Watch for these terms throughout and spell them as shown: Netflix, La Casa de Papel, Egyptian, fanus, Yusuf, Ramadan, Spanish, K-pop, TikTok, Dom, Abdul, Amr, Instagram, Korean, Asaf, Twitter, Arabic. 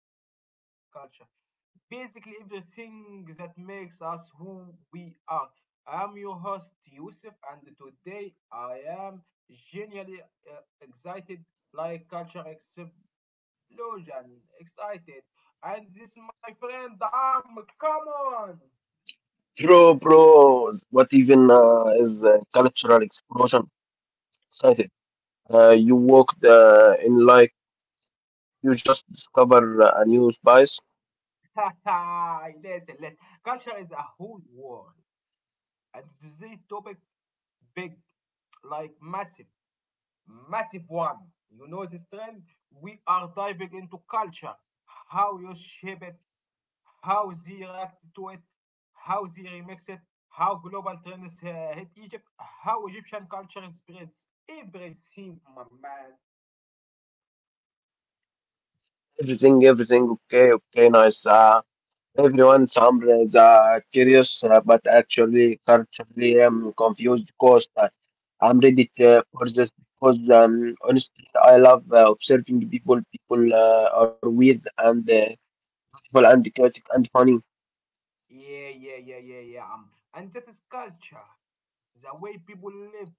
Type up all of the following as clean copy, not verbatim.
finally personal culture. Basically, everything that makes us who we are. I am your host, Yusuf, and today I am genuinely excited like culture except Lucian, excited. And this my friend Dom. Come on. Bro, bro, what even is cultural explosion excited? You walked in like you just discover a new spice. Listen. Culture is a whole world. And this topic big, like massive one. You know this trend? We are diving into culture. How you shape it, how they react to it, how they remix it, how global trends hit Egypt, how Egyptian culture spreads. Everything, my man. Everything, everything, okay, okay, nice. Everyone, some is curious, but actually, culturally, I'm confused because I'm ready for this because honestly, I love observing people. People are weird and beautiful and chaotic and funny. Yeah. And that is culture, the way people live,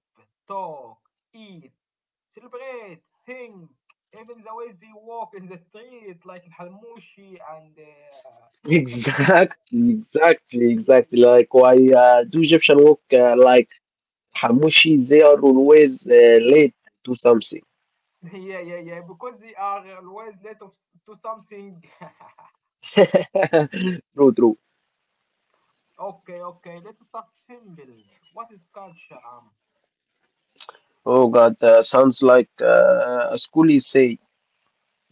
talk, eat, celebrate, think, even the way they walk in the street, like Halmushi and the man. Exactly, exactly, exactly. Yeah, Like why do Egyptian work like Hamushi? They are always late to something. yeah, yeah, because they are always to something. True, true. Okay, okay, let's start simple. What is culture? Oh God, sounds like a school essay.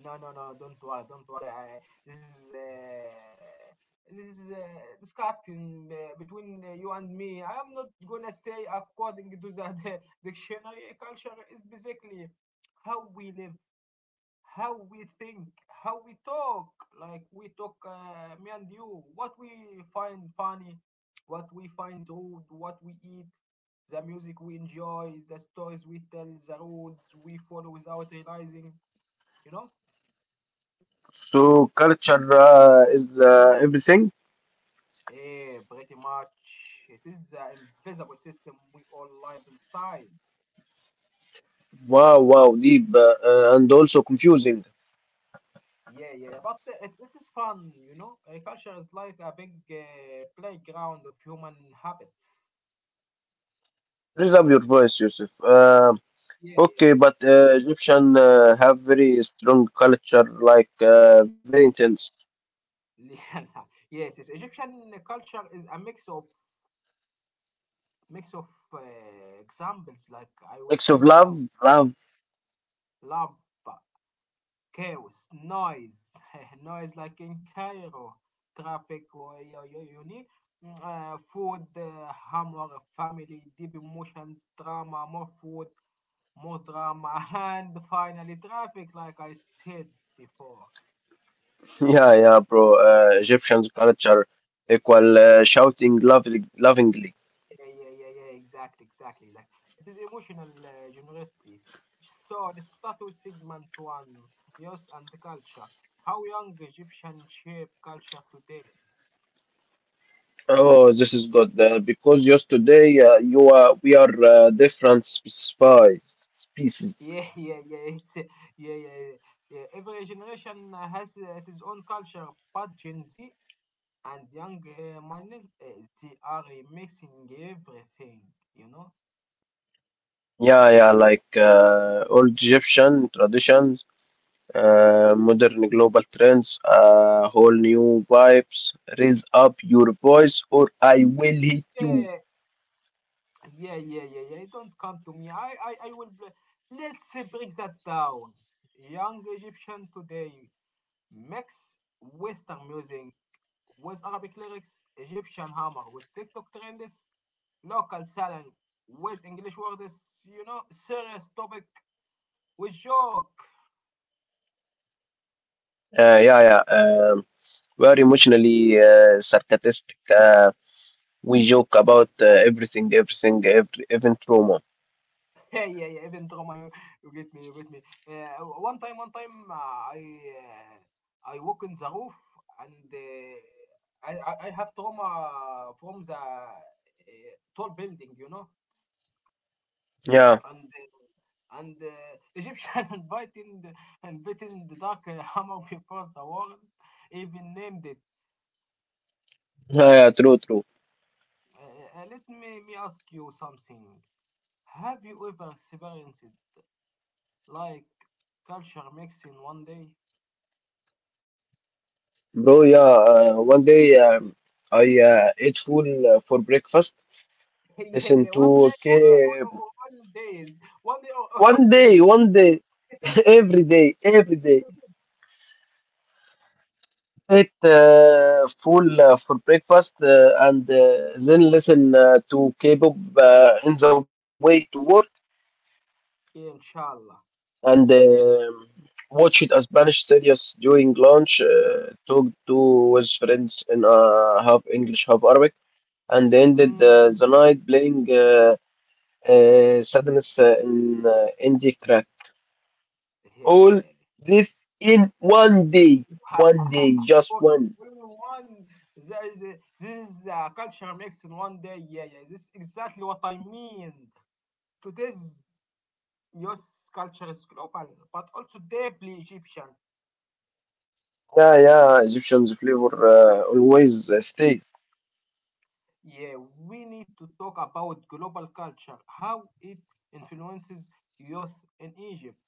No, don't worry, don't worry. This is discussing between you and me. I am not gonna say according to the the dictionary. Culture is basically how we live, how we think, how we talk. Like we talk, me and you, what we find funny, what we find rude, what we eat, the music we enjoy, the stories we tell, the roads we follow without realizing. You know. So culture is everything. Yeah, pretty much. It is an invisible system we all live inside. Wow, wow, deep and also confusing. Yeah, but it is fun, you know. Culture is like a big playground of human habits. Raise up your voice, Yusuf. Yeah, Okay, but Egyptian have very strong culture, like very intense yeah. Yes. Egyptian culture is a mix of mix of uh, examples. Like I will acts of say love, now, love. love, chaos, noise, noise like in Cairo, traffic, or you need food, humor, family, deep emotions, drama, more food, more drama, and finally traffic, like I said before. Yeah, yeah, bro. Egyptians culture equal shouting lovely, lovingly. Yeah, exactly. Like it is emotional generosity. So let's start with segment one, youth and culture. How young Egyptian shape culture today? Oh, this is good because yesterday you are we are different species. Species. Yeah, yeah, yeah, it's, yeah, yeah, yeah, yeah. Every generation has its own culture, but Gen Z and young minors, they are mixing everything, you know? Yeah, yeah, like old Egyptian traditions, modern global trends, whole new vibes. Raise up your voice, or I will hit you. Yeah, yeah. Don't come to me. I will. Bl- Let's break that down. Young Egyptian today mix Western music with Arabic lyrics, Egyptian hammer with TikTok trends, local talent with English words, you know, serious topic with joke. Yeah, yeah. Very emotionally sarcastic. We joke about everything, everything, even trauma. Yeah. Even drama, you get me. One time, I walk in the roof and I have trauma from the tall building, you know, Yeah, and Egyptian inviting the dark hammer before the world even named it. yeah, yeah, true, true, Let me ask you something. Have you ever experienced like culture mix in 1 day? bro. Yeah, one day I ate full for breakfast. yeah, Listen yeah, one to, day or, or, okay, or all days. 1 day or all days. one day, every day, every day. Ate full for breakfast and then listen to K-pop in the way to work. Yeah, inshallah. And watched a Spanish series during lunch. Talked to with friends in half English, half Arabic, and ended Mm, the night playing sadness in indie crack. All yeah. this in one day, just Or- one. or in one, the- this is the culture mix in 1 day. Yeah, yeah. This is exactly what I mean. Today's youth culture is global, but also deeply Egyptian. Yeah, yeah, Egyptian's flavor always stays. Yeah, we need to talk about global culture, how it influences youth in Egypt.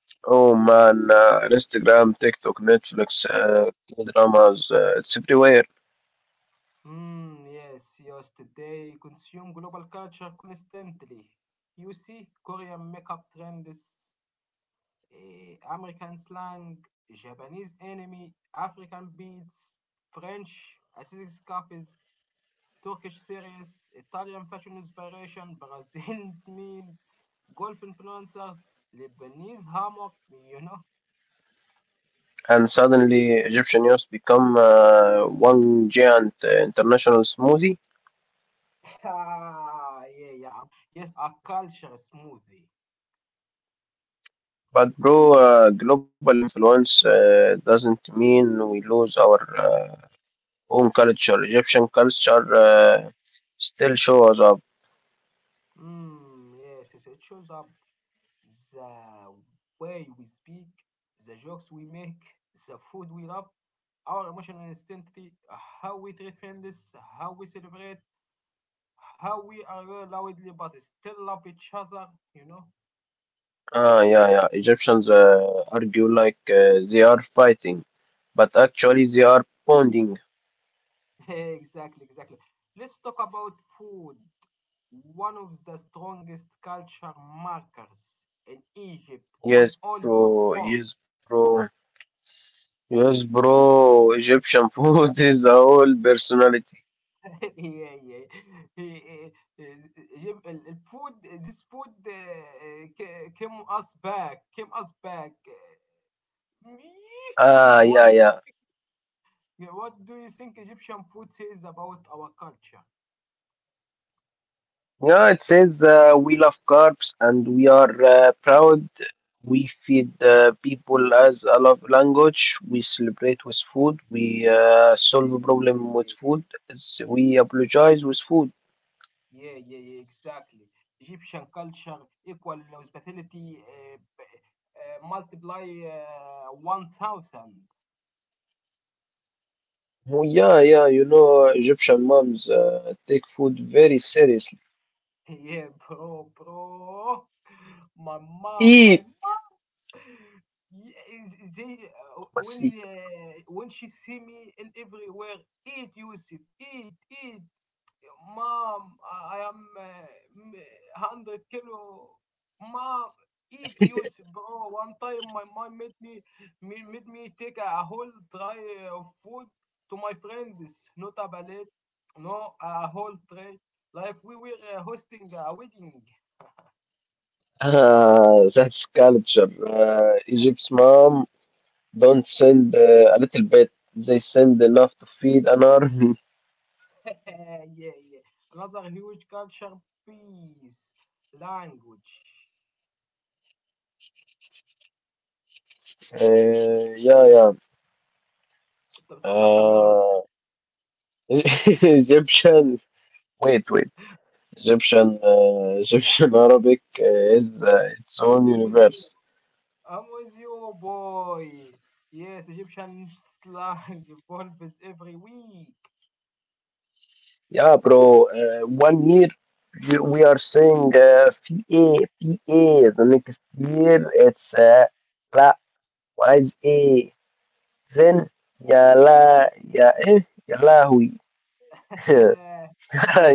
Oh man, Instagram, TikTok, Netflix, dramas, it's everywhere. Mm, yes, youth today consume global culture constantly. You see Korean makeup trends, American slang, Japanese anime, African beats, French aesthetics cafes, Turkish series, Italian fashion inspiration, Brazilian memes, golf influencers, Lebanese hammock, you know. And suddenly Egyptian youth become one giant international smoothie. Ah, yeah, yeah. Yes, a culture smoothie. But bro, global influence doesn't mean we lose our own culture. Egyptian culture still shows up. Yes, it shows up the way we speak, the jokes we make, the food we love, our emotional instantly, how we treat friends, how we celebrate, how we are well loudly but still love each other, you know? Ah, yeah, yeah. Egyptians argue like they are fighting, but actually they are bonding. exactly, exactly. Let's talk about food. One of the strongest culture markers in Egypt on Yes, all bro. the Yes, bro. Yes, bro. Egyptian food is the whole personality. yeah, yeah. Eh, eh, The food. This food came us back. Eh, Ah, what yeah, yeah. what do you think Egyptian food says about our culture? Yeah, it says we love carbs and we are proud. We feed people as a love language. We celebrate with food. We solve yeah a yeah problem with yeah food. We apologize with food. yeah, exactly. Egyptian culture equal hospitality multiply 1000. Oh, yeah, yeah, Egyptian moms take food very seriously. yeah bro bro my mom my Eat, yeah, they must eat. When she see me in everywhere, eat Yusuf, eat, eat, mom. I am m- hundred-kilo, mom. Eat Yusuf, bro. One time my mom made me take a whole tray of food to my friends, not a ballet, no, a whole tray. Like we were hosting a wedding. Ah, that's culture. Egypt's mom don't send a little bit. They send enough to feed an army. Yeah. Another huge culture piece, language. Yeah, yeah. انت بتولع حجارة Uh, Egyptian. Wait, wait. Egyptian Arabic is its own ولا إيه؟ I'm with you. universe. I'm with you, boy. Yes, Egyptian slang evolves every week. Yeah, bro. One year we are saying PA, PA. The next year it's لا وعايز إيه؟ زين يا لا يا إيه يا لهوي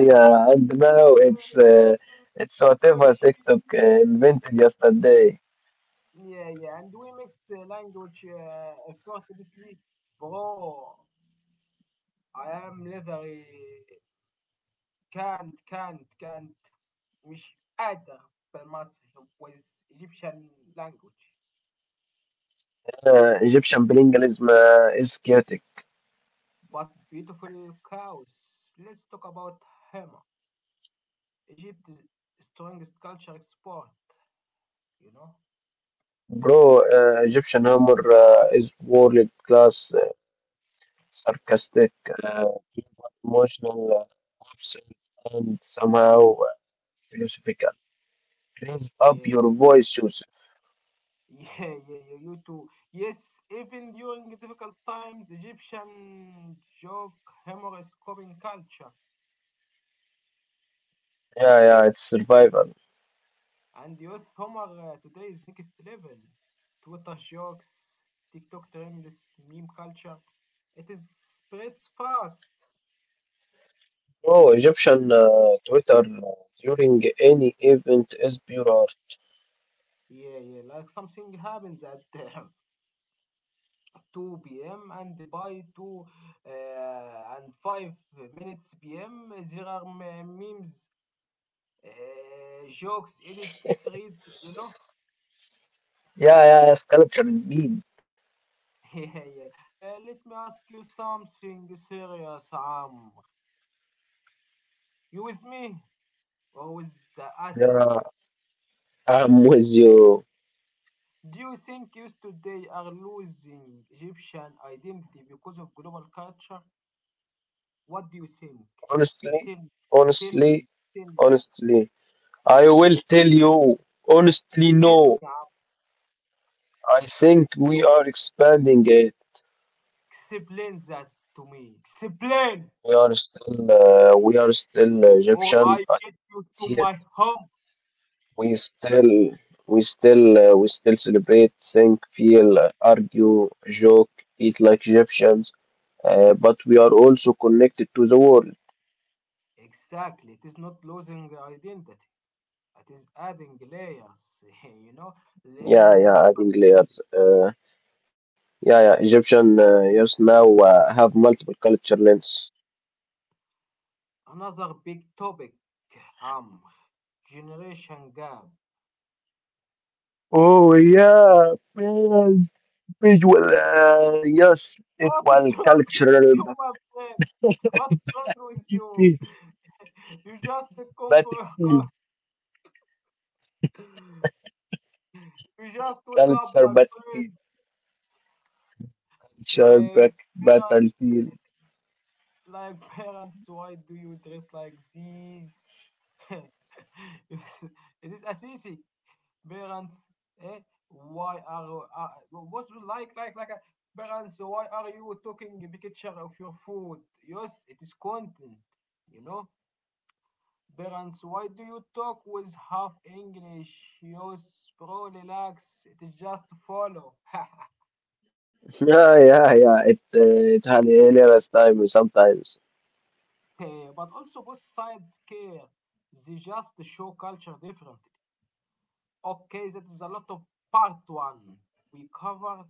yeah, and now it's so whatever shit, TikTok shit. invented yesterday. Yeah, yeah. And we mix language effortlessly. Bro, I am leathery. كانت مش قادر بالمصري with Egyptian language. Egyptian bilingualism is chaotic. But beautiful cows. Let's talk about Hema. Egypt's strongest culture export, you know? Bro, Egyptian humor is world class, sarcastic, uh, emotional, absurd, and somehow philosophical. Raise up Yeah. your voice, Yusuf. Yeah, you too. Yes, even during difficult times, Egyptian joke humor is coping culture. Yeah, yeah, it's survival. And youth humor today is next level. Twitter jokes, TikTok trends, meme culture. It is spreads fast. Bro, Egyptian Twitter during any event is pure art. Yeah, yeah, like something happens at 2 p.m. and by 2 uh, and 5 minutes p.m. there are memes, uh, jokes, edits, threads, you know? Yeah, yeah, yeah, sculpture is speed. Yeah, yeah. Let me ask you something serious, Amr. You with me or with Asaf? Yeah, I'm with you. Do you think youth today are losing Egyptian identity because of global culture? What do you think? Honestly, Tell, tell me, honestly, tell, honestly, I will tell you honestly, tell me, no. I think Abdul. we are expanding it. Explain that to me. Explain, We are still or Egyptian I get adhered. you to my home. We still, we still celebrate, think, feel, argue, joke, eat like Egyptians. But we are also connected to the world. Exactly. It is not losing the identity. It is adding layers. You know, Yeah, layer yeah, by adding layer. layers. Yeah, yeah. Egyptian yes now have multiple culture lens. Another big topic. Um, generation gap. Oh yeah, man, visual yes What is equal wrong with cultural you, my friend? What's wrong with you? battlefield You just come for a co- battlefield you just wake up, my friend. battlefield culture Like back parents, battlefield. like parents, why do you dress like this? It's- it is Assisi. Parents, eh? Why are what's with like? Parents, why are you taking a picture of your food? Yes, it is content. You know. Parents, why do you talk with half English? Use bro, relax. It is just follow. Yeah, yeah, yeah, it had hilarious time sometimes. but also both sides care. They just show culture differently. Okay, that is a lot of part one. We covered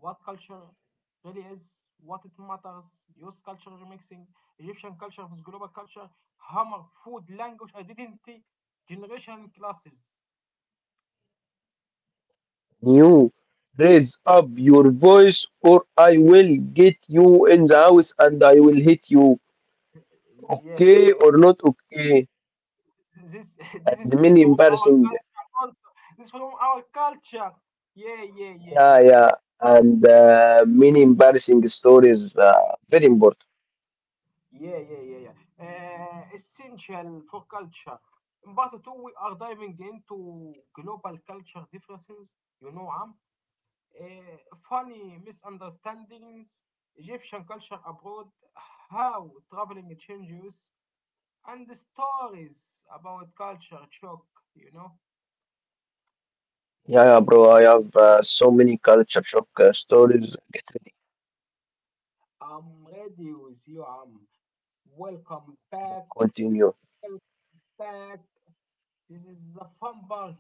what culture really is, what it matters, use culture remixing, Egyptian culture with global culture, hammer, food, language, identity, generation classes. You raise up your voice, or I will get you in the house and I will hit you, Yeah, okay yeah, or yeah, yeah. not okay. This this And is many from our embarrassing. culture also. This is from our culture. Yeah, yeah, yeah, Yeah, yeah. yeah, and many embarrassing stories very important. Yeah. Essential for culture. In part two, we are diving into global culture differences. You know, Am. Uh, funny misunderstandings, Egyptian culture abroad, how traveling changes, and the stories about culture shock, you know. Yeah, yeah, bro. I have so many culture shock stories. Get to I'm ready with you, Am. Welcome back continue, fact, this is the fun part,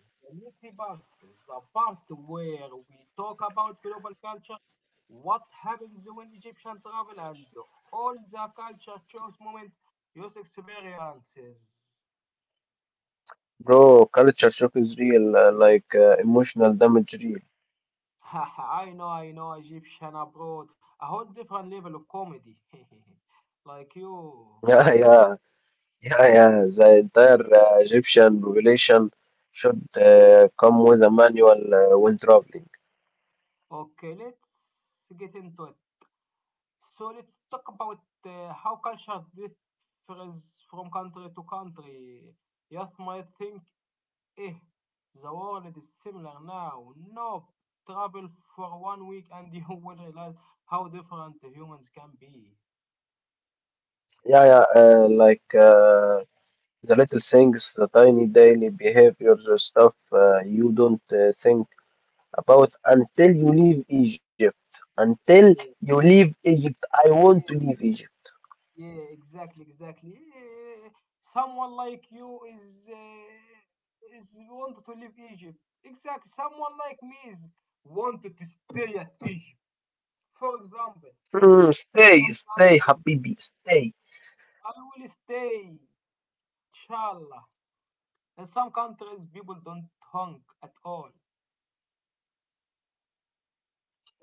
the messy part, the part where we talk about global culture, what happens when Egyptian travel, and all the culture choice moment, your experiences. bro. Culture shock is real, like emotional damage, real. I know, Egyptian abroad, a whole different level of comedy. like you. Yeah, yeah, yeah, yeah. The entire Egyptian population should come with a manual when traveling. Okay, let's get into it. So let's talk about how culture differs from country to country. Youth might think, eh, the world is similar now. Nope. Travel for 1 week and you will realize how different the humans can be. Yeah, yeah, like the little things, the tiny daily behaviors, the stuff you don't think about until you leave Egypt. Until you Yeah, leave Egypt, I want to yeah, leave ex- Egypt. yeah, exactly. Eh, someone like you is wanted to leave Egypt. Exactly. Someone like me is wanted to stay at Egypt. For example, Mm, in stay, some stay, countries, Habibi, stay. I will stay, inshallah. In some countries, people don't honk at all.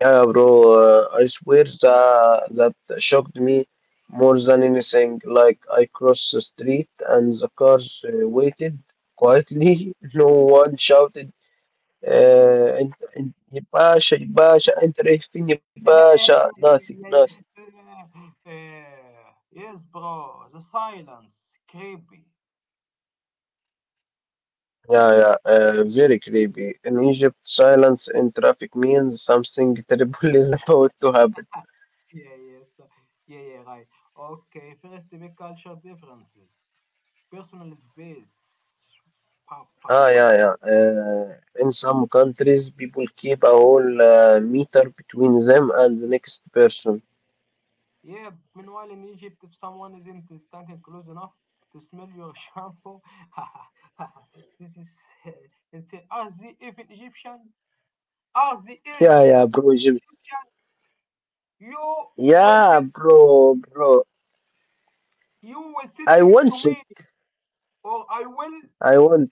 Yeah, bro, I swear that shocked me more than anything. Like, I crossed the street and the cars waited quietly. No one shouted, "Ya Basha, Ya Basha, أنت رايح فين يا yeah, باشا?" yeah, Nothing, yeah, nothing. yeah. Yes, bro, the silence, creepy. Yeah, yeah, very creepy. In Egypt, silence in traffic means something terrible is about to happen. Yeah, yes, uh, yeah, right. Okay, first, the big culture differences, personal space. Pa pa Ah, pa yeah, pa. yeah. In some countries, people keep a whole meter between them and the next person. Yeah, meanwhile in Egypt, if someone isn't standing close enough to smell your shampoo, this is uh, and say, are they even Egyptian? Are they Yeah, even yeah, bro, Jim. Egyptian? You will Yeah, sit, bro, bro. you will sit I next to want it. me, or I will. I want.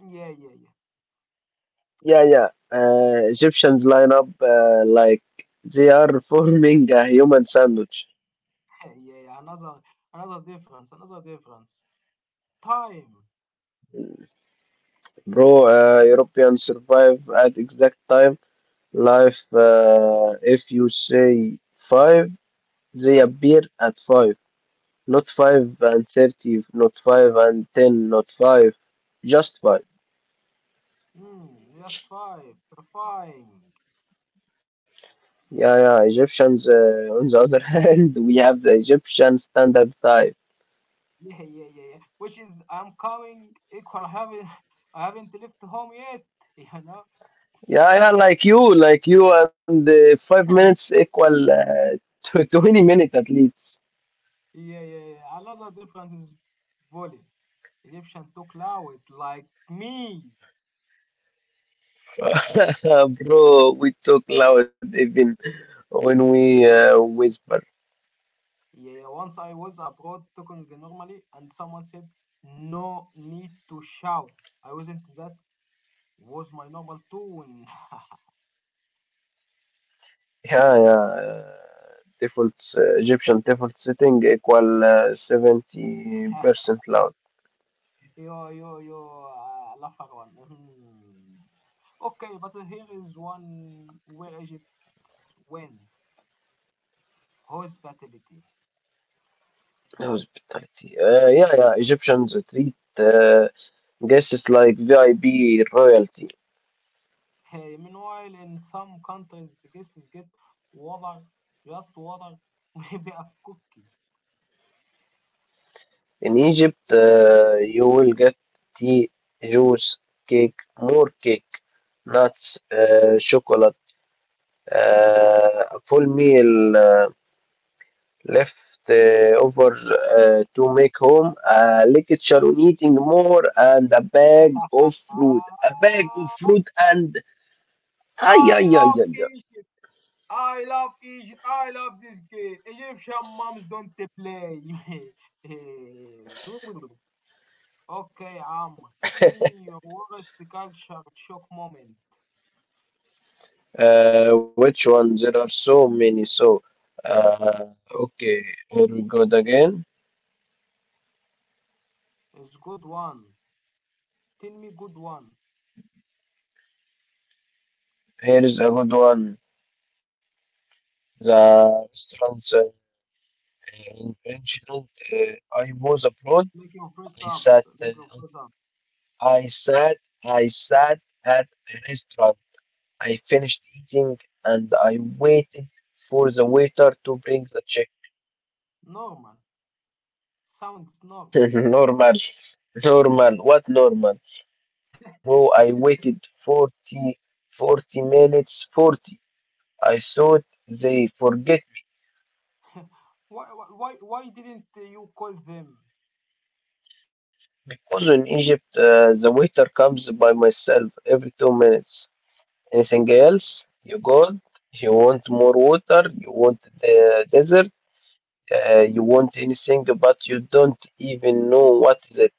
Yeah, Yeah, yeah. Egyptians line up like they are forming a human sandwich. yeah, yeah. Another difference. Time, Bro, you know. Europeans survive at exact time. Life, if you say five, they appear at five. Not 5:30, not 5:10, not 5, just 5. Mm, just five, terrifying. Yeah, yeah, Egyptians, on the other hand, we have the Egyptian standard type. Yeah, yeah, yeah. Which is I'm coming equal. I haven't I haven't left home yet. You know. Yeah, yeah, like you, and 5 minutes equal to 20 minutes at least. Yeah. Another difference is volume. Egyptian talk loud like me. Bro, we talk loud even when we whisper. Yeah, yeah. Once I was abroad talking normally, and someone said no need to shout. I wasn't that was my normal tone. Yeah, yeah. Default Egyptian default setting equal 70% loud. Yo, I love that one. Hmm. Okay, but here is one where Egypt wins hospitality. Hospitality. Yeah, yeah. Egyptians treat guests like VIP royalty. Hey, meanwhile, in some countries, guests get water, just water, maybe a cookie. In Egypt, you will get tea, juice, cake, more cake, nuts, chocolate, a full meal left over to make home, a lecture on eating more, and a bag of fruit. A bag of I, fruit and. Ay, I ay, ay, love ay. Egypt. I love Egypt. I love this game. Egyptian moms don't play. Okay, Amr, tell me your worst culture shock moment. Which one? There are so many. So, uh, okay, here we go again. It's good one. Tell me good one. Here is a good one. The restaurants in Frenchland. I was abroad. Make your face I up. sat. Make your Uh, face up. I sat. I sat at a restaurant. I finished eating and I waited for the waiter to bring the check. Normal. Sounds normal. Normal, normal. What normal? Bro, I waited 40, 40 minutes, 40. I thought they forget Why didn't you call them? me because in Egypt the waiter comes by myself every 2 minutes. Anything else? You good? You want more water? You want the dessert? You want anything, but you don't even know what is it.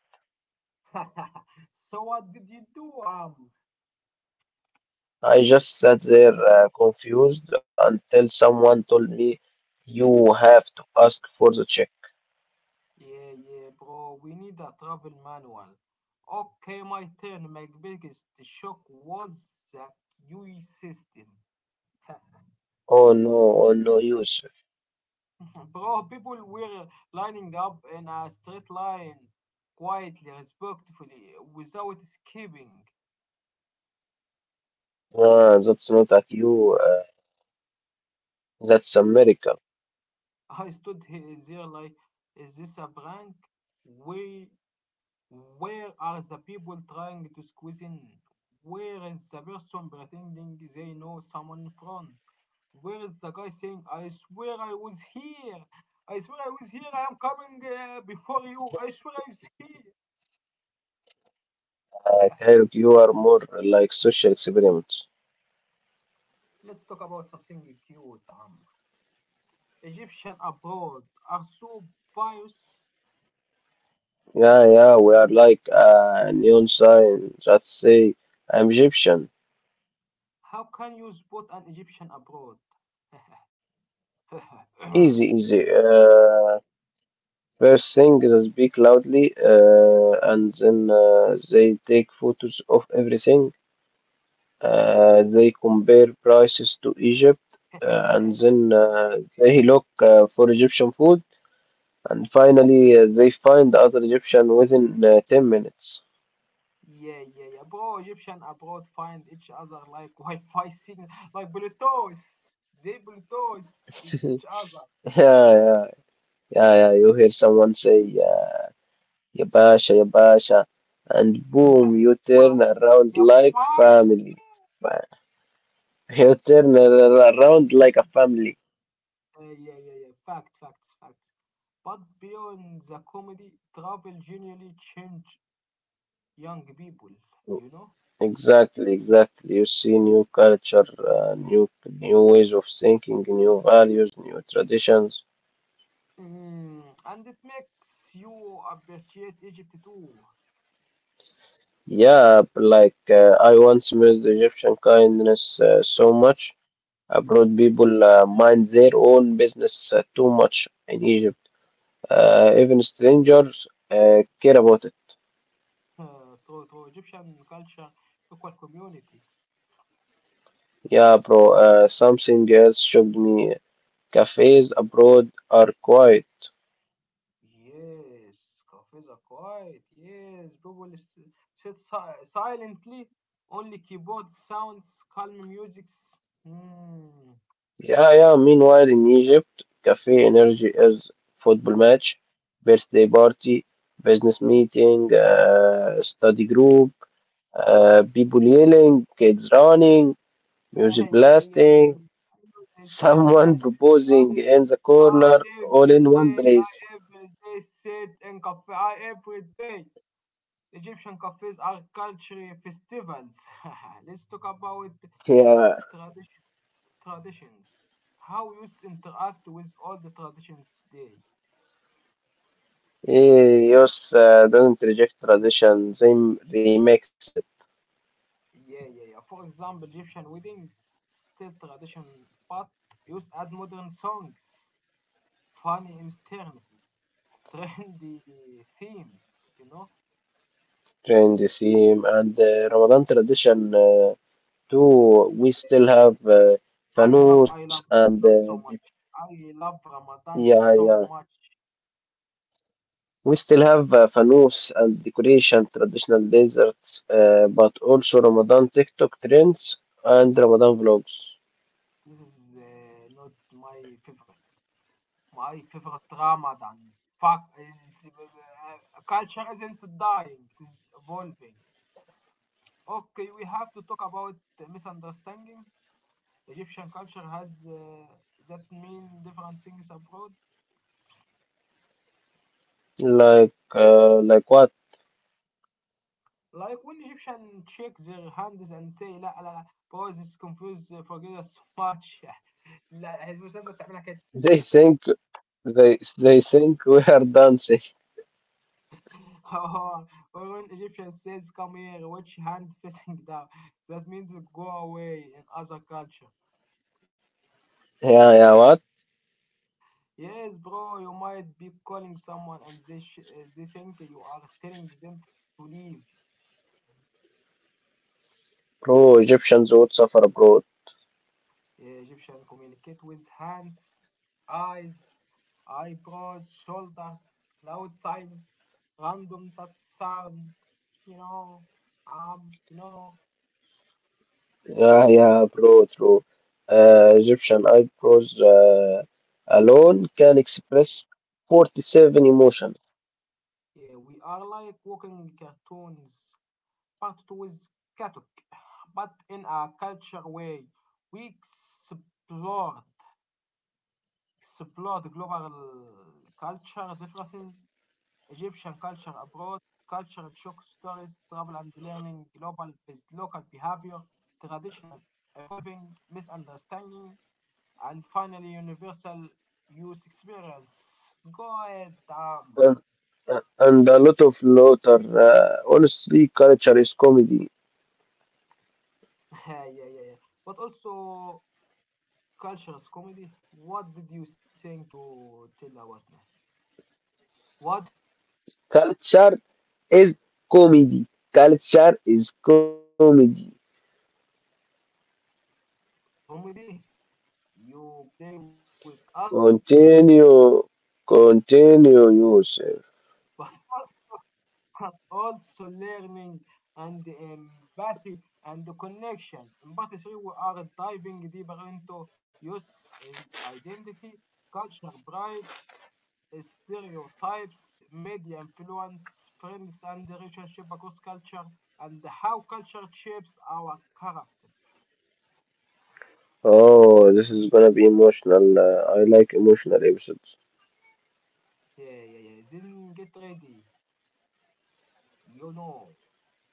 So what did you do, Amr? I just sat there confused until someone told me you have to ask for the check. Yeah, yeah, bro. We need a travel manual. Okay, my turn. My biggest shock was the QE system. Oh no, oh no, Yusuf. Bro, people were lining up in a straight line, quietly, respectfully, without skipping. Ah, that's not at you. That's America. There like, is this a prank? We, where are the people trying to squeeze in? Where is the person pretending they know someone in front? Where is the guy saying, I swear I was here? I swear I was here. I am coming before you. I swear I was here. Like Eric, you are more like social experiments. Let's talk about something cute. Egyptian abroad are so obvious. Yeah, yeah, we are like a neon sign. Just say I'm Egyptian. How can you spot an Egyptian abroad? Easy, easy. First thing is I speak loudly, and then they take photos of everything. They compare prices to Egypt, and then they look for Egyptian food, and finally they find other Egyptian within 10 minutes. Yeah, yeah, yeah, bro. Egyptian abroad find each other like Wi-Fi signal, like Bluetooth. They Bluetooth with each Yeah, other. yeah. Yeah, yeah, you hear someone say, yeah, ya Basha, and boom, Yeah, you turn bash. around Yeah, like bash. family. Fa- You turn around like a family. Yeah. Fact, facts, facts. But beyond the comedy, travel genuinely change young people. You know. Exactly, exactly. You see new culture, uh, new new ways of thinking, new values, new traditions. Mm, and it makes you appreciate Egypt too. Yeah, but like I once missed Egyptian kindness so much. Abroad people mind their own business too much in Egypt. Even strangers care about it. Through Egyptian culture, equal community. Yeah, bro. Something else shocked me. Cafes abroad are quiet. Yes, cafes are quiet. Yes, sit silently. Only keyboard sounds, calm musics. Mm. Yeah, yeah. Meanwhile, in Egypt, cafe energy is football match, birthday party, business meeting, study group, people yelling, kids running, Yeah, music yeah, yeah, yeah, blasting, yeah. I know this. I know this. someone proposing I, in the corner, I all every in one day. I place. every day sit in cafe. I every day. Egyptian cafes are cultural festivals. Let's talk about Yeah, tradition traditions. How youth interact with all the traditions they. eh, yes, don't reject tradition. They remix it, Yeah, yeah, yeah. For example, Egyptian weddings still tradition, but youth add modern songs, funny interns, trendy themes. You know, trend the theme, and Ramadan tradition too. We still have fanus I love and Ramadan so much. I love Ramadan yeah, so yeah. much. We still have fanus and decoration, traditional desserts, but also Ramadan TikTok trends and Ramadan vlogs. This is not my favorite. My favorite drama than Fuck, is, culture isn't dying, it is evolving. Okay, we have to talk about misunderstanding. Egyptian culture has that mean different things abroad. Like what? Like when Egyptian shake their hands and say لا لا لا boys is confused forget us so much لا مش لازم تعملها كده They think they think we are dancing. or or when Egyptian says come here watch hand facing down that means go away in other culture. Yeah, yeah. What? Yes, bro, you might be calling someone and they think you are telling them to leave. Bro, Egyptians would suffer abroad. Egyptian communicate with hands, eyes, eyebrows, shoulders, loud sign, random task sound. You know, you know, Yeah, yeah, bro, true. Egyptian eyebrows alone can express 47 emotions, yeah, we are like walking cartoons, part two with Katuk, but in a culture way. We explored explore the global culture differences, Egyptian culture abroad, cultural shock stories, travel and learning, global with local behavior, traditional evolving, misunderstanding, and finally universal youth experience. God damn. and, and a lot of laughter. Honestly, culture is comedy. Yeah, yeah, yeah. But also cultures comedy. What did you think you tell about now? What did you tell me about now? Culture is comedy. Culture is comedy. Comedy? You play with us? Continue, continue, Yusuf. But also learning and empathy and the connection. In part three, we are diving deeper into youth and identity, culture, pride, stereotypes, media influence, friends, and relationship across culture, and how culture shapes our characters. Oh, this is gonna be emotional. I like emotional episodes. Yeah, yeah, yeah. Then get ready. You know.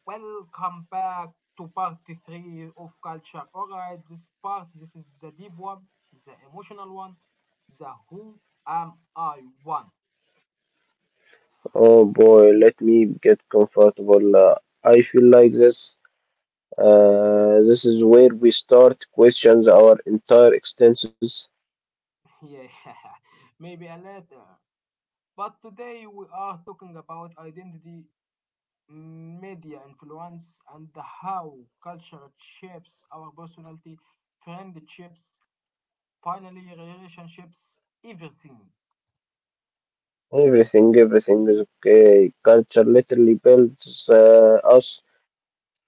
Welcome back to part three of culture. Alright, this part, this is the deep one, the emotional one, the who am I one. Oh boy, let me get comfortable. I feel like this. This is where we start questions our entire existence. Yeah, maybe a later. But today we are talking about identity, media influence, and how culture shapes our personality, friendships, finally relationships, everything. Everything, everything is okay. Culture literally builds us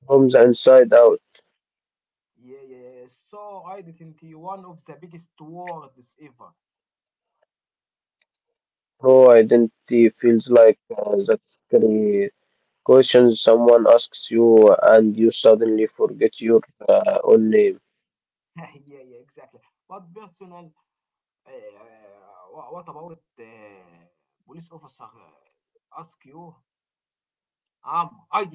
from the inside out. Yeah, yeah, so yeah. So identity, one of the biggest words ever. No identity feels like that scary question someone asks you, and you suddenly forget your own name. Yeah, yeah, exactly. But uh, what about police officer ask you, not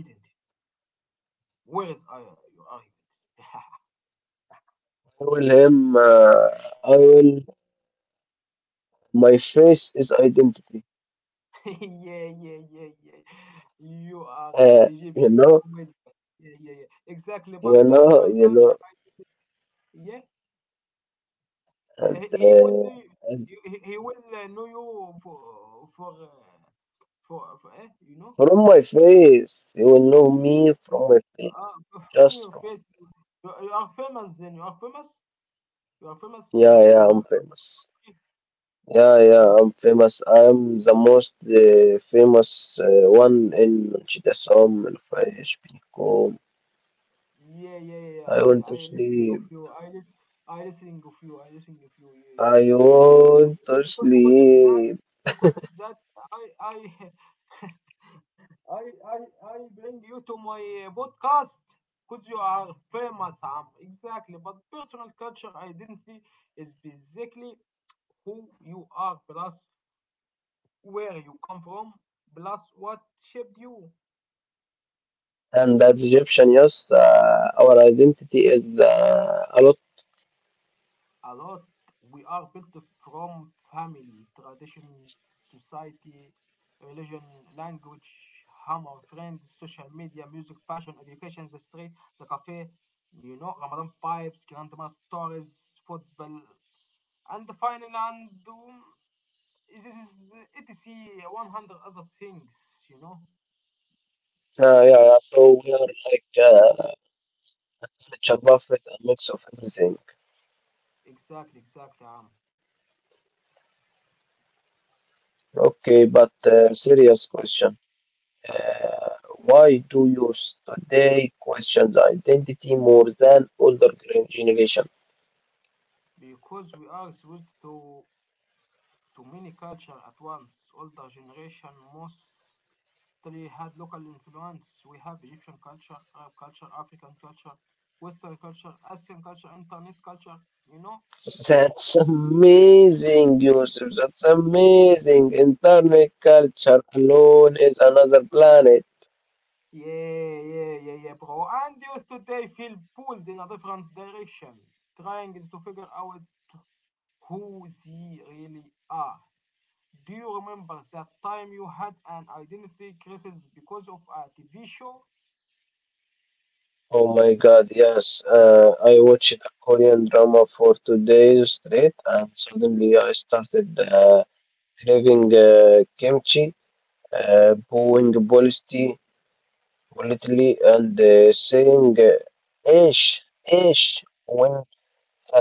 Where is I? Your I will him. I will. My face is identity. identity? Yeah, yeah, yeah, yeah. You are Uh, you Egyptian know, comedian. Yeah, yeah, yeah. Exactly. But you personal know, you culture, know, yeah, and he he will know as- you- he will know you for for uh, for eh, you know From my face, you will know me from my face, uh, from just your from. face you you are famous then you are famous Yeah, in yeah, your I'm famous. country. Yeah, Uh, yeah, I'm famous. I'm the most famous one in Manchidasam and Fajbikom. yeah yeah yeah yeah, I want to sleep. I listen I listening of you I listening of you yeah yeah I want to yeah sleep. because of that I I I, I bring you to my podcast because you are famous, Am. Exactly. But personal culture identity is basically who you are, plus where you come from, plus what shaped you. And that's Egyptian, yes. Our identity is a lot. A lot. We are built from family, traditions, society, religion, language, hammer, friends, social media, music, fashion, education, the street, the cafe, you know, Ramadan vibes, grandma stories, football, and the final and um, this is etc 100 other things you know Yeah, yeah, so we are like, it's a buffet, a mix of everything. exactly exactly Okay, but serious question. Uh, why do youth today question the identity more than older generation? because we are exposed to many culture at once older generation mostly had local influence we have egyptian culture arab culture african culture western culture asian culture internet culture you know That's amazing, Yusuf. That's amazing. Internet culture alone is another planet. yeah yeah yeah yeah bro and you today feel pulled in a different direction trying to figure out who they really are. Do you remember that time you had an identity crisis because of a TV show? Oh my God, yes. I watched a Korean drama for 2 days straight, and suddenly I started craving kimchi. Booing policy politically and saying ish when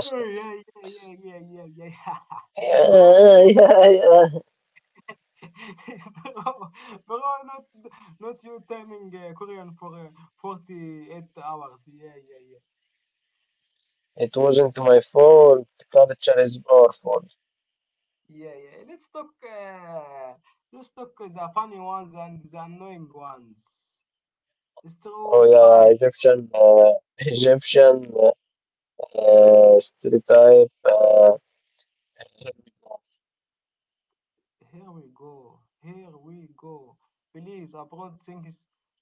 Oh, yeah, yeah, yeah, yeah, yeah, yeah. Bro, Yeah, no, yeah, yeah. bro, bro, not, not you turning Korean for 48 hours. Yeah, yeah, yeah. It wasn't my fault. Culture is powerful. Yeah, yeah. Let's talk. Let's talk the funny ones and the annoying ones. Oh yeah, yeah, Stereotype. Egyptian, Egyptian stereotype. Here we go. Here we go. Please, abroad,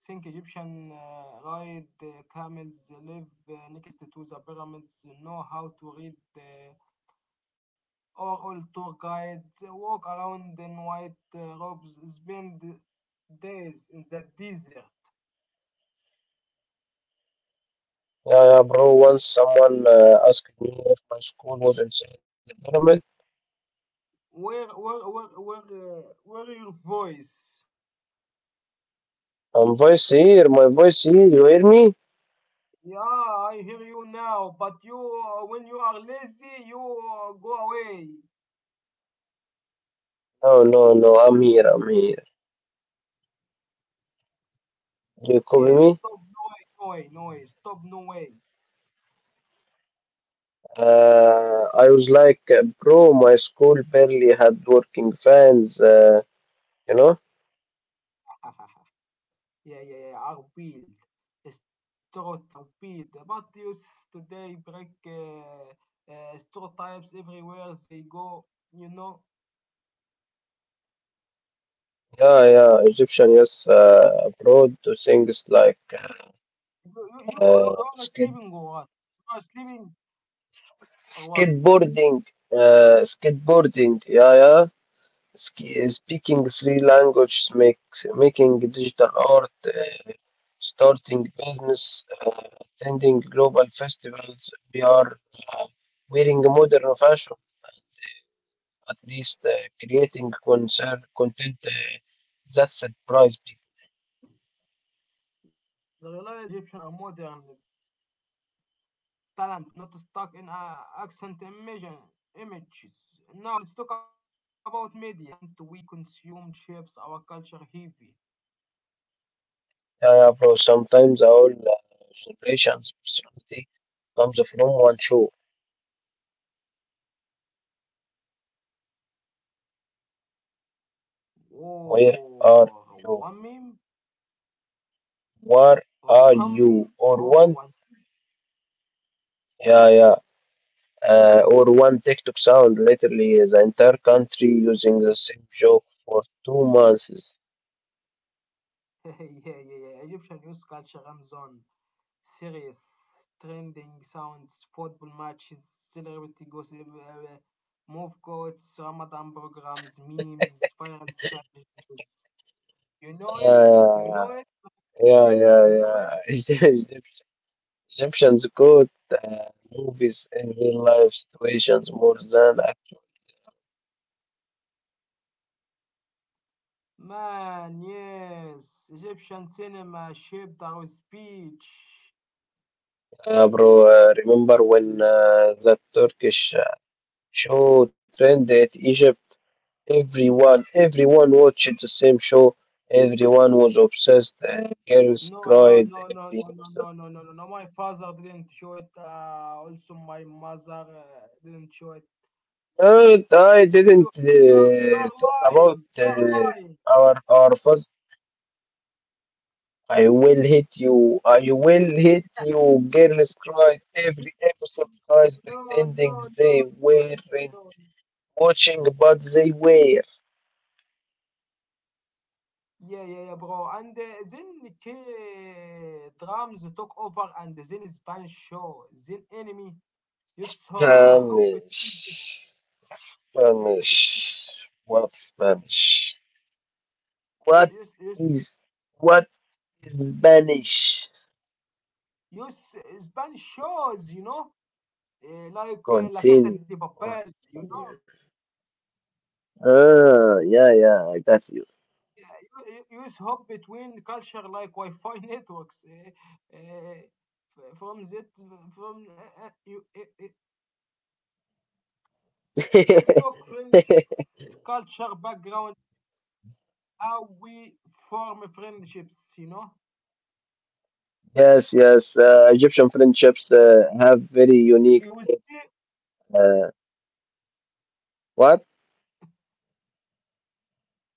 think Egyptian ride camels, live next to the pyramids, know how to read, or all tour guides, walk around in white robes, spend days in the desert. Yeah, yeah, bro. Once someone asked me if my school was inside the pyramid. Where your voice? I voice here. My voice here. You hear me? Yeah, I hear you now, but you, when you are lazy, you go away. No, no, no. I'm here. I'm here. You copy Yeah, me? stop, no way, no way, no way, stop, no way. I was like, bro, my school barely had working fans, uh, you know? Yeah, yeah, yeah, are built. Stereotypes are built. But youth today break stereotypes everywhere they go. You know, Yeah, yeah, Egyptian, yes, abroad to things like you you are skid sleeping or what? You are sleeping or what? skateboarding, skateboarding, yeah, yeah. Ski Speaking three languages, making digital art, starting business, attending global festivals. We are uh, wearing modern fashion. At least creating concern content that surprise people. The realized Egyptians are modern, talented, not stuck in accent imagine, images. Now let's talk about media. Content we consume shapes our culture heavy. Yeah, yeah, bro. Sometimes our generation's personality comes from one show. Where are Or one you? meme Where or are one meme you? or Or one one, yeah, yeah, or one TikTok sound. Literally, the entire country using the same joke for 2 months. yeah yeah yeah Egyptian news culture runs on serious trending sounds football matches celebrity gossip move quotes Ramadan programs memes viral challenges you know it you know Yeah, it I said yeah, you yeah, know it yeah. Yeah. Egyptians quote uh, movies in real life situations more than actual. man yes Egyptian cinema shaped our speech. Bro, remember when that Turkish show trended Egypt? Everyone watched the same show. Everyone was obsessed. Girls No, no, cried no, no, every no, no, episode. no, no, no, no, no. My father didn't show it. Also, my mother didn't show it. And You, I didn't you are talk about lying. You are uh, lying. our our first. I will hit you. I will hit you. Girls cried every episode, guys No, no, pretending no, no, they weren't no, no. watching, but they were. Yeah, yeah, yeah, bro. And then K drums took over, and then Spanish show. Then enemy. You saw between the, Spanish. Spanish. What Spanish? you, What you, you, is what is Spanish? you, Spanish shows. You know, like La Casa de Continue. Papel. You know. Continue. Ah, yeah, yeah, I got you. Use hop between culture like Wi-Fi networks. F- from that, from you, Let's talk friendships, culture, background, how we form friendships. You know, Yes, yes. Egyptian friendships have very unique it was traits. Uh, what?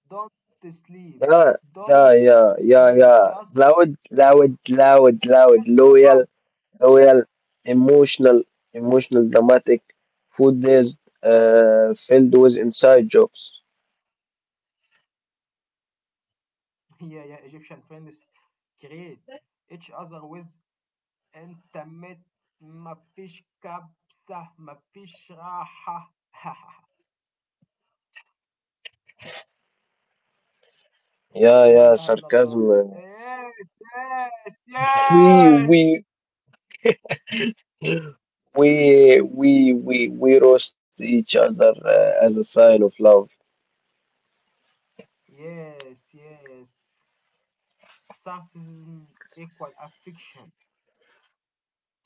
don't sleep, Yeah, don't yeah, yeah, yeah, sleep, yeah. just Loud, loud, loud, loud. Wake up. Loyal, loyal, emotional, emotional, dramatic, food-based, filled with inside jokes. Yeah, yeah. Egyptian friends create each other with intimate. مفيش كبسة مفيش راحة Yeah, لا yeah, إله إلا الله sarcasm. Yes We, yes we, we roast each other as a sign of love. yes yes yes sarcasm equal affection.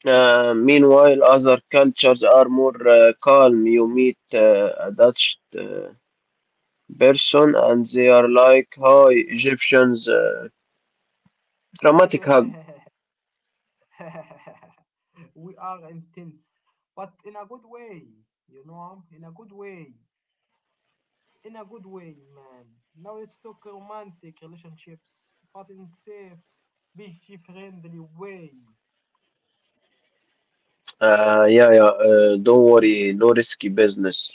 Meanwhile, other cultures are more calm. You meet a Dutch person and they are like, "Hi, Egyptians, dramatic hug." We are intense but in a good way you know in a good way in a good way man. Now let's talk romantic relationships but in safe PG friendly way yeah, yeah, don't worry, no risky business.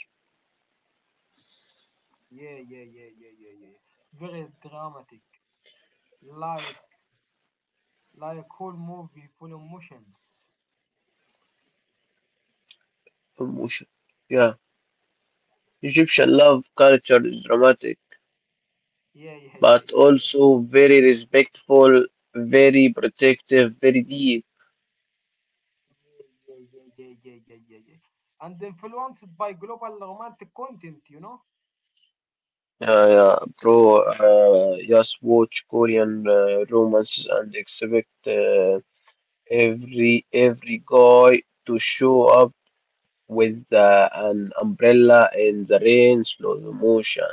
yeah yeah yeah yeah yeah yeah very dramatic like like whole movie full of emotions. Emotion. Yeah, Egyptian love culture is dramatic, Yeah, yeah, but yeah, yeah, yeah, also very respectful, very protective, very deep. yeah, yeah, yeah, yeah, yeah, yeah, yeah, yeah, yeah. And influenced by global romantic content, you know. Yeah, yeah, bro. Just watch Korean romance and expect every guy to show up with an umbrella in the rain, slow motion.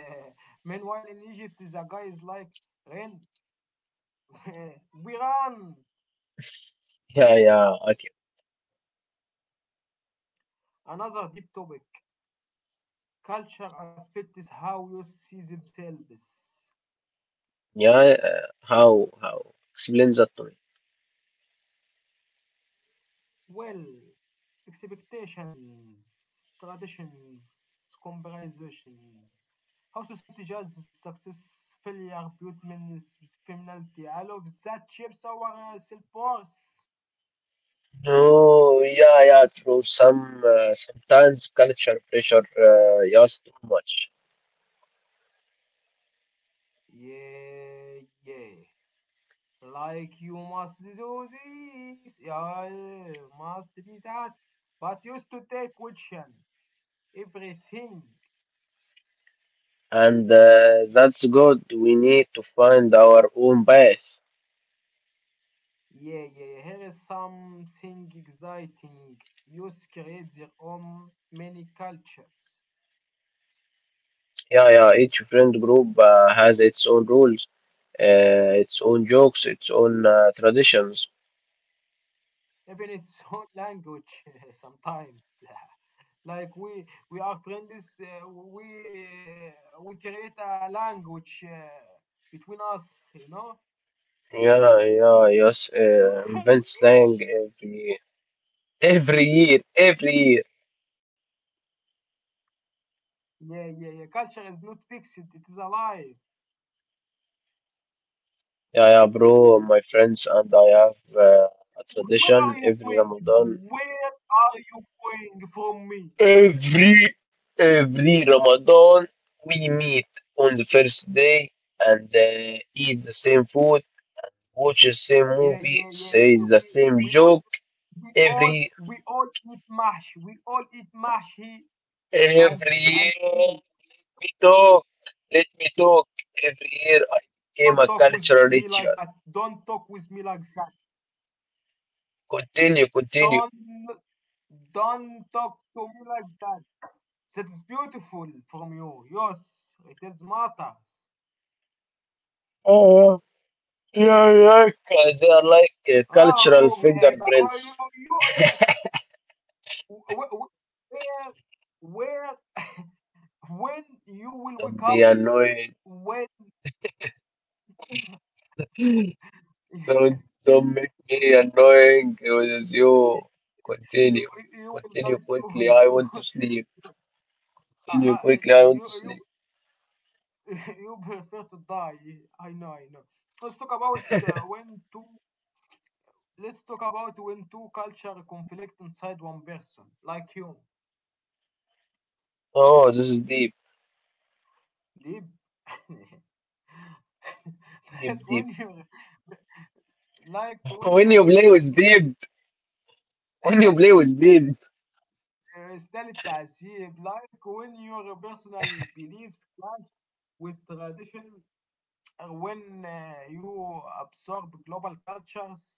Meanwhile, in Egypt, the guy is like Ren, we run. Yeah, yeah, okay. Another deep topic. Culture affects how you see themselves. Yeah, uh, how explain that to me? Well, expectations, traditions, comparisons, how society judges success, failure, beauty, femininity, all of that shapes our self-worth. No, yeah, yeah, true. Sometimes culture pressure just too much, Yeah, yeah. Like you must do this, yeah, yeah, must be that. But used to take question, everything. and that's good. We need to find our own path. Yeah, yeah, yeah. Here is something exciting. Youth create their own many cultures, Yeah, yeah. Each friend group has its own rules, its own jokes, its own traditions. even its own language sometimes. Like we are friends, we create a language between us, you know. Yeah, yeah, yes. Invent slang every every year, every year. Yeah, yeah, yeah. Culture is not fixed; it is alive. Yeah, yeah, bro. My friends and I have a Where are tradition you every going now? Ramadan. Where are you going from me? Every every Ramadan, we meet on the first day and eat the same food, watch the same Yeah, movie, yeah, yeah. say the same we all joke. Every we all eat mash. We all eat mash here and every year, please let me talk. Let me talk. Every year, I became a don't talk with cultural me like ritual. that. Don't talk with me like that. Continue, continue. Don't don't talk to me like that. That is beautiful from you. Yes, it is matters. Oh, yeah, yeah, because they are like Ah, cultural oh, babe, oh, fingerprints. You, where, when you will wake Don't be up, annoying. when you, don't make me annoying. It was you. you Continue. will die Continue quickly. soon. I want to sleep. You, uh, Continue uh, quickly. I want you, to you sleep. you prefer to die. I know, I know. Let's talk about uh, when two. Let's talk about when two culture conflict inside one person, like you, Oh, this is deep. deep. Deep, like deep. when you, like when When your you play personal with deep, when you play with uh, deep, style التعذيب, like when your personal beliefs clash with tradition, or when you absorb global cultures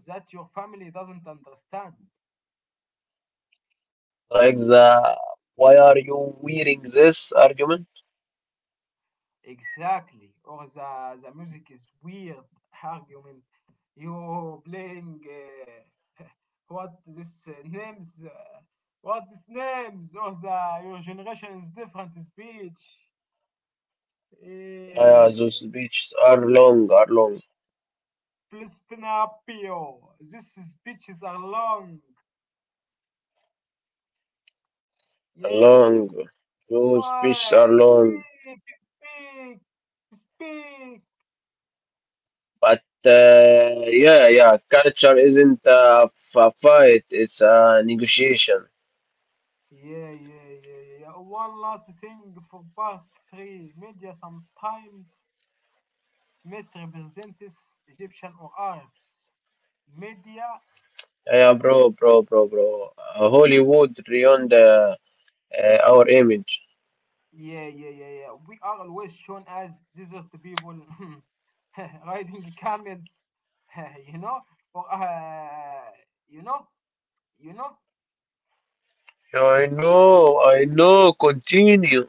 that your family doesn't understand. like the "why are you wearing this" argument? Exactly. Or the music is weird argument. You playing what this names? What is names? Or the your generation is different speech. Yeah, those Eh, speeches are long, are long. Flispinapio. These speeches are long. Yeah, yeah, Long. yeah. Those fish are Yeah, long. Speak, speak. But yeah, yeah, culture isn't a, a fight, it's a negotiation. Yeah, yeah, yeah, yeah, yeah. One last thing for part three. Media sometimes misrepresents Egyptian or Arabs. Media, Yeah, yeah, bro, bro, bro, bro. Hollywood ruined our image. yeah, yeah, yeah, yeah. We are always shown as desert people riding camels, you know, or you know, you know. Yeah, I know, continue.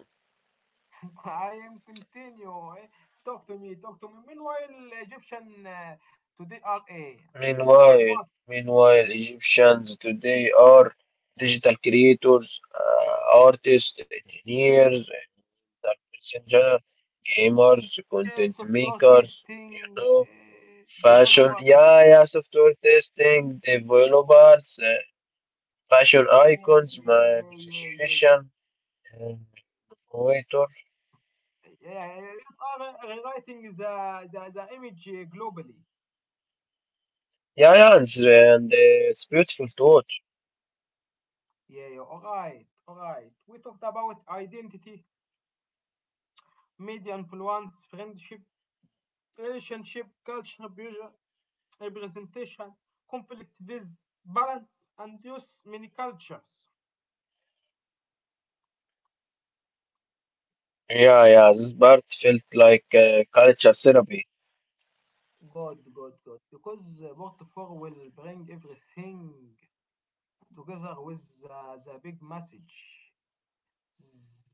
I am continue. Eh? Talk to me, talk to me. Meanwhile, Egyptian today are a Meanwhile, what? meanwhile, Egyptians today are digital creators, artists, engineers, and persons, gamers, content Software makers, you testing, know, fashion, developers. yeah, yeah, software testing, developers, fashion Yeah, icons, yeah, my yeah, yeah, yeah, yeah. musician, um, waiter. Yeah, yeah, yeah. Yes, are rewriting the image globally. Yeah, yeah, it's, and it's beautiful to watch. Yeah, yeah, all right, all right. We talked about identity, media influence, friendship, relationship, culture, representation, conflict with balance, and use many cultures. Yeah, yeah, this part felt like culture therapy. Good, good, good. Because part four will bring everything together with the big message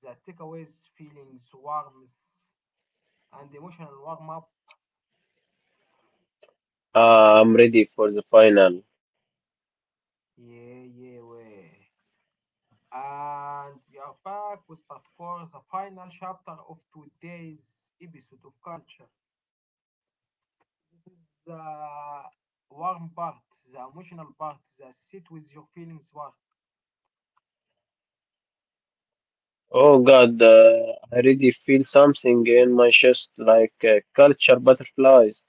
that takeaways, feelings, warmth, and emotional warm up. Ah, I'm ready for the final. Yeah, yeah, way. And we are back with part four, the final chapter of today's episode of Culture. The warm part, the emotional part, the sit with your feelings part. Oh God, I really feel something in my chest like culture butterflies.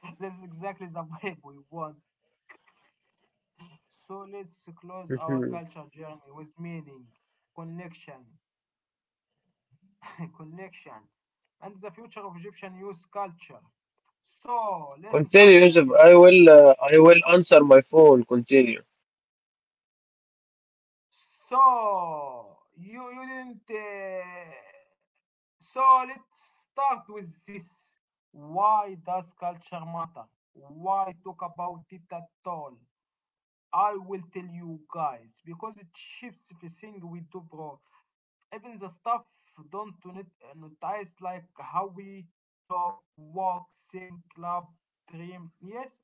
That's exactly the vibe we want. So let's close our culture journey with meaning, connection, connection and the future of Egyptian youth culture. So let's start Continue, with Yusuf. this. I will. I will answer my phone. Continue. So you didn't. So let's start with this. Why does culture matter? Why talk about it at all? I will tell you guys because it shapes everything we do, bro. Even the stuff don't notice like how we talk, walk, think, love, dream. Yes,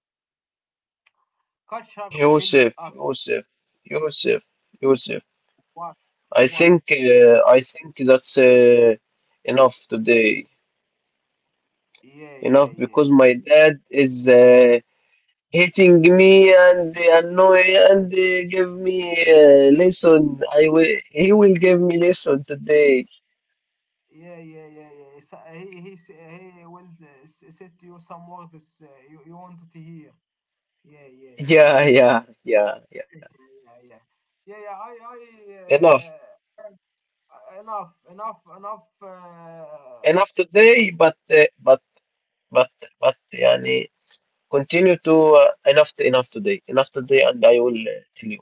culture builds Yusuf, us Yusuf, Yusuf, Yusuf. what I what think. I think that's enough today. yeah yeah Enough because my yeah dad is hitting me and annoy and give me lesson. I will. He will give me lesson today. yeah yeah yeah yeah yeah. So he will said to you some words you wanted to hear yeah yeah yeah Yeah, yeah yeah yeah, yeah, yeah. yeah yeah yeah yeah yeah, I Enough. uh, enough Enough today. But today but but. يعني Continue to uh, enough today, and I will tell you.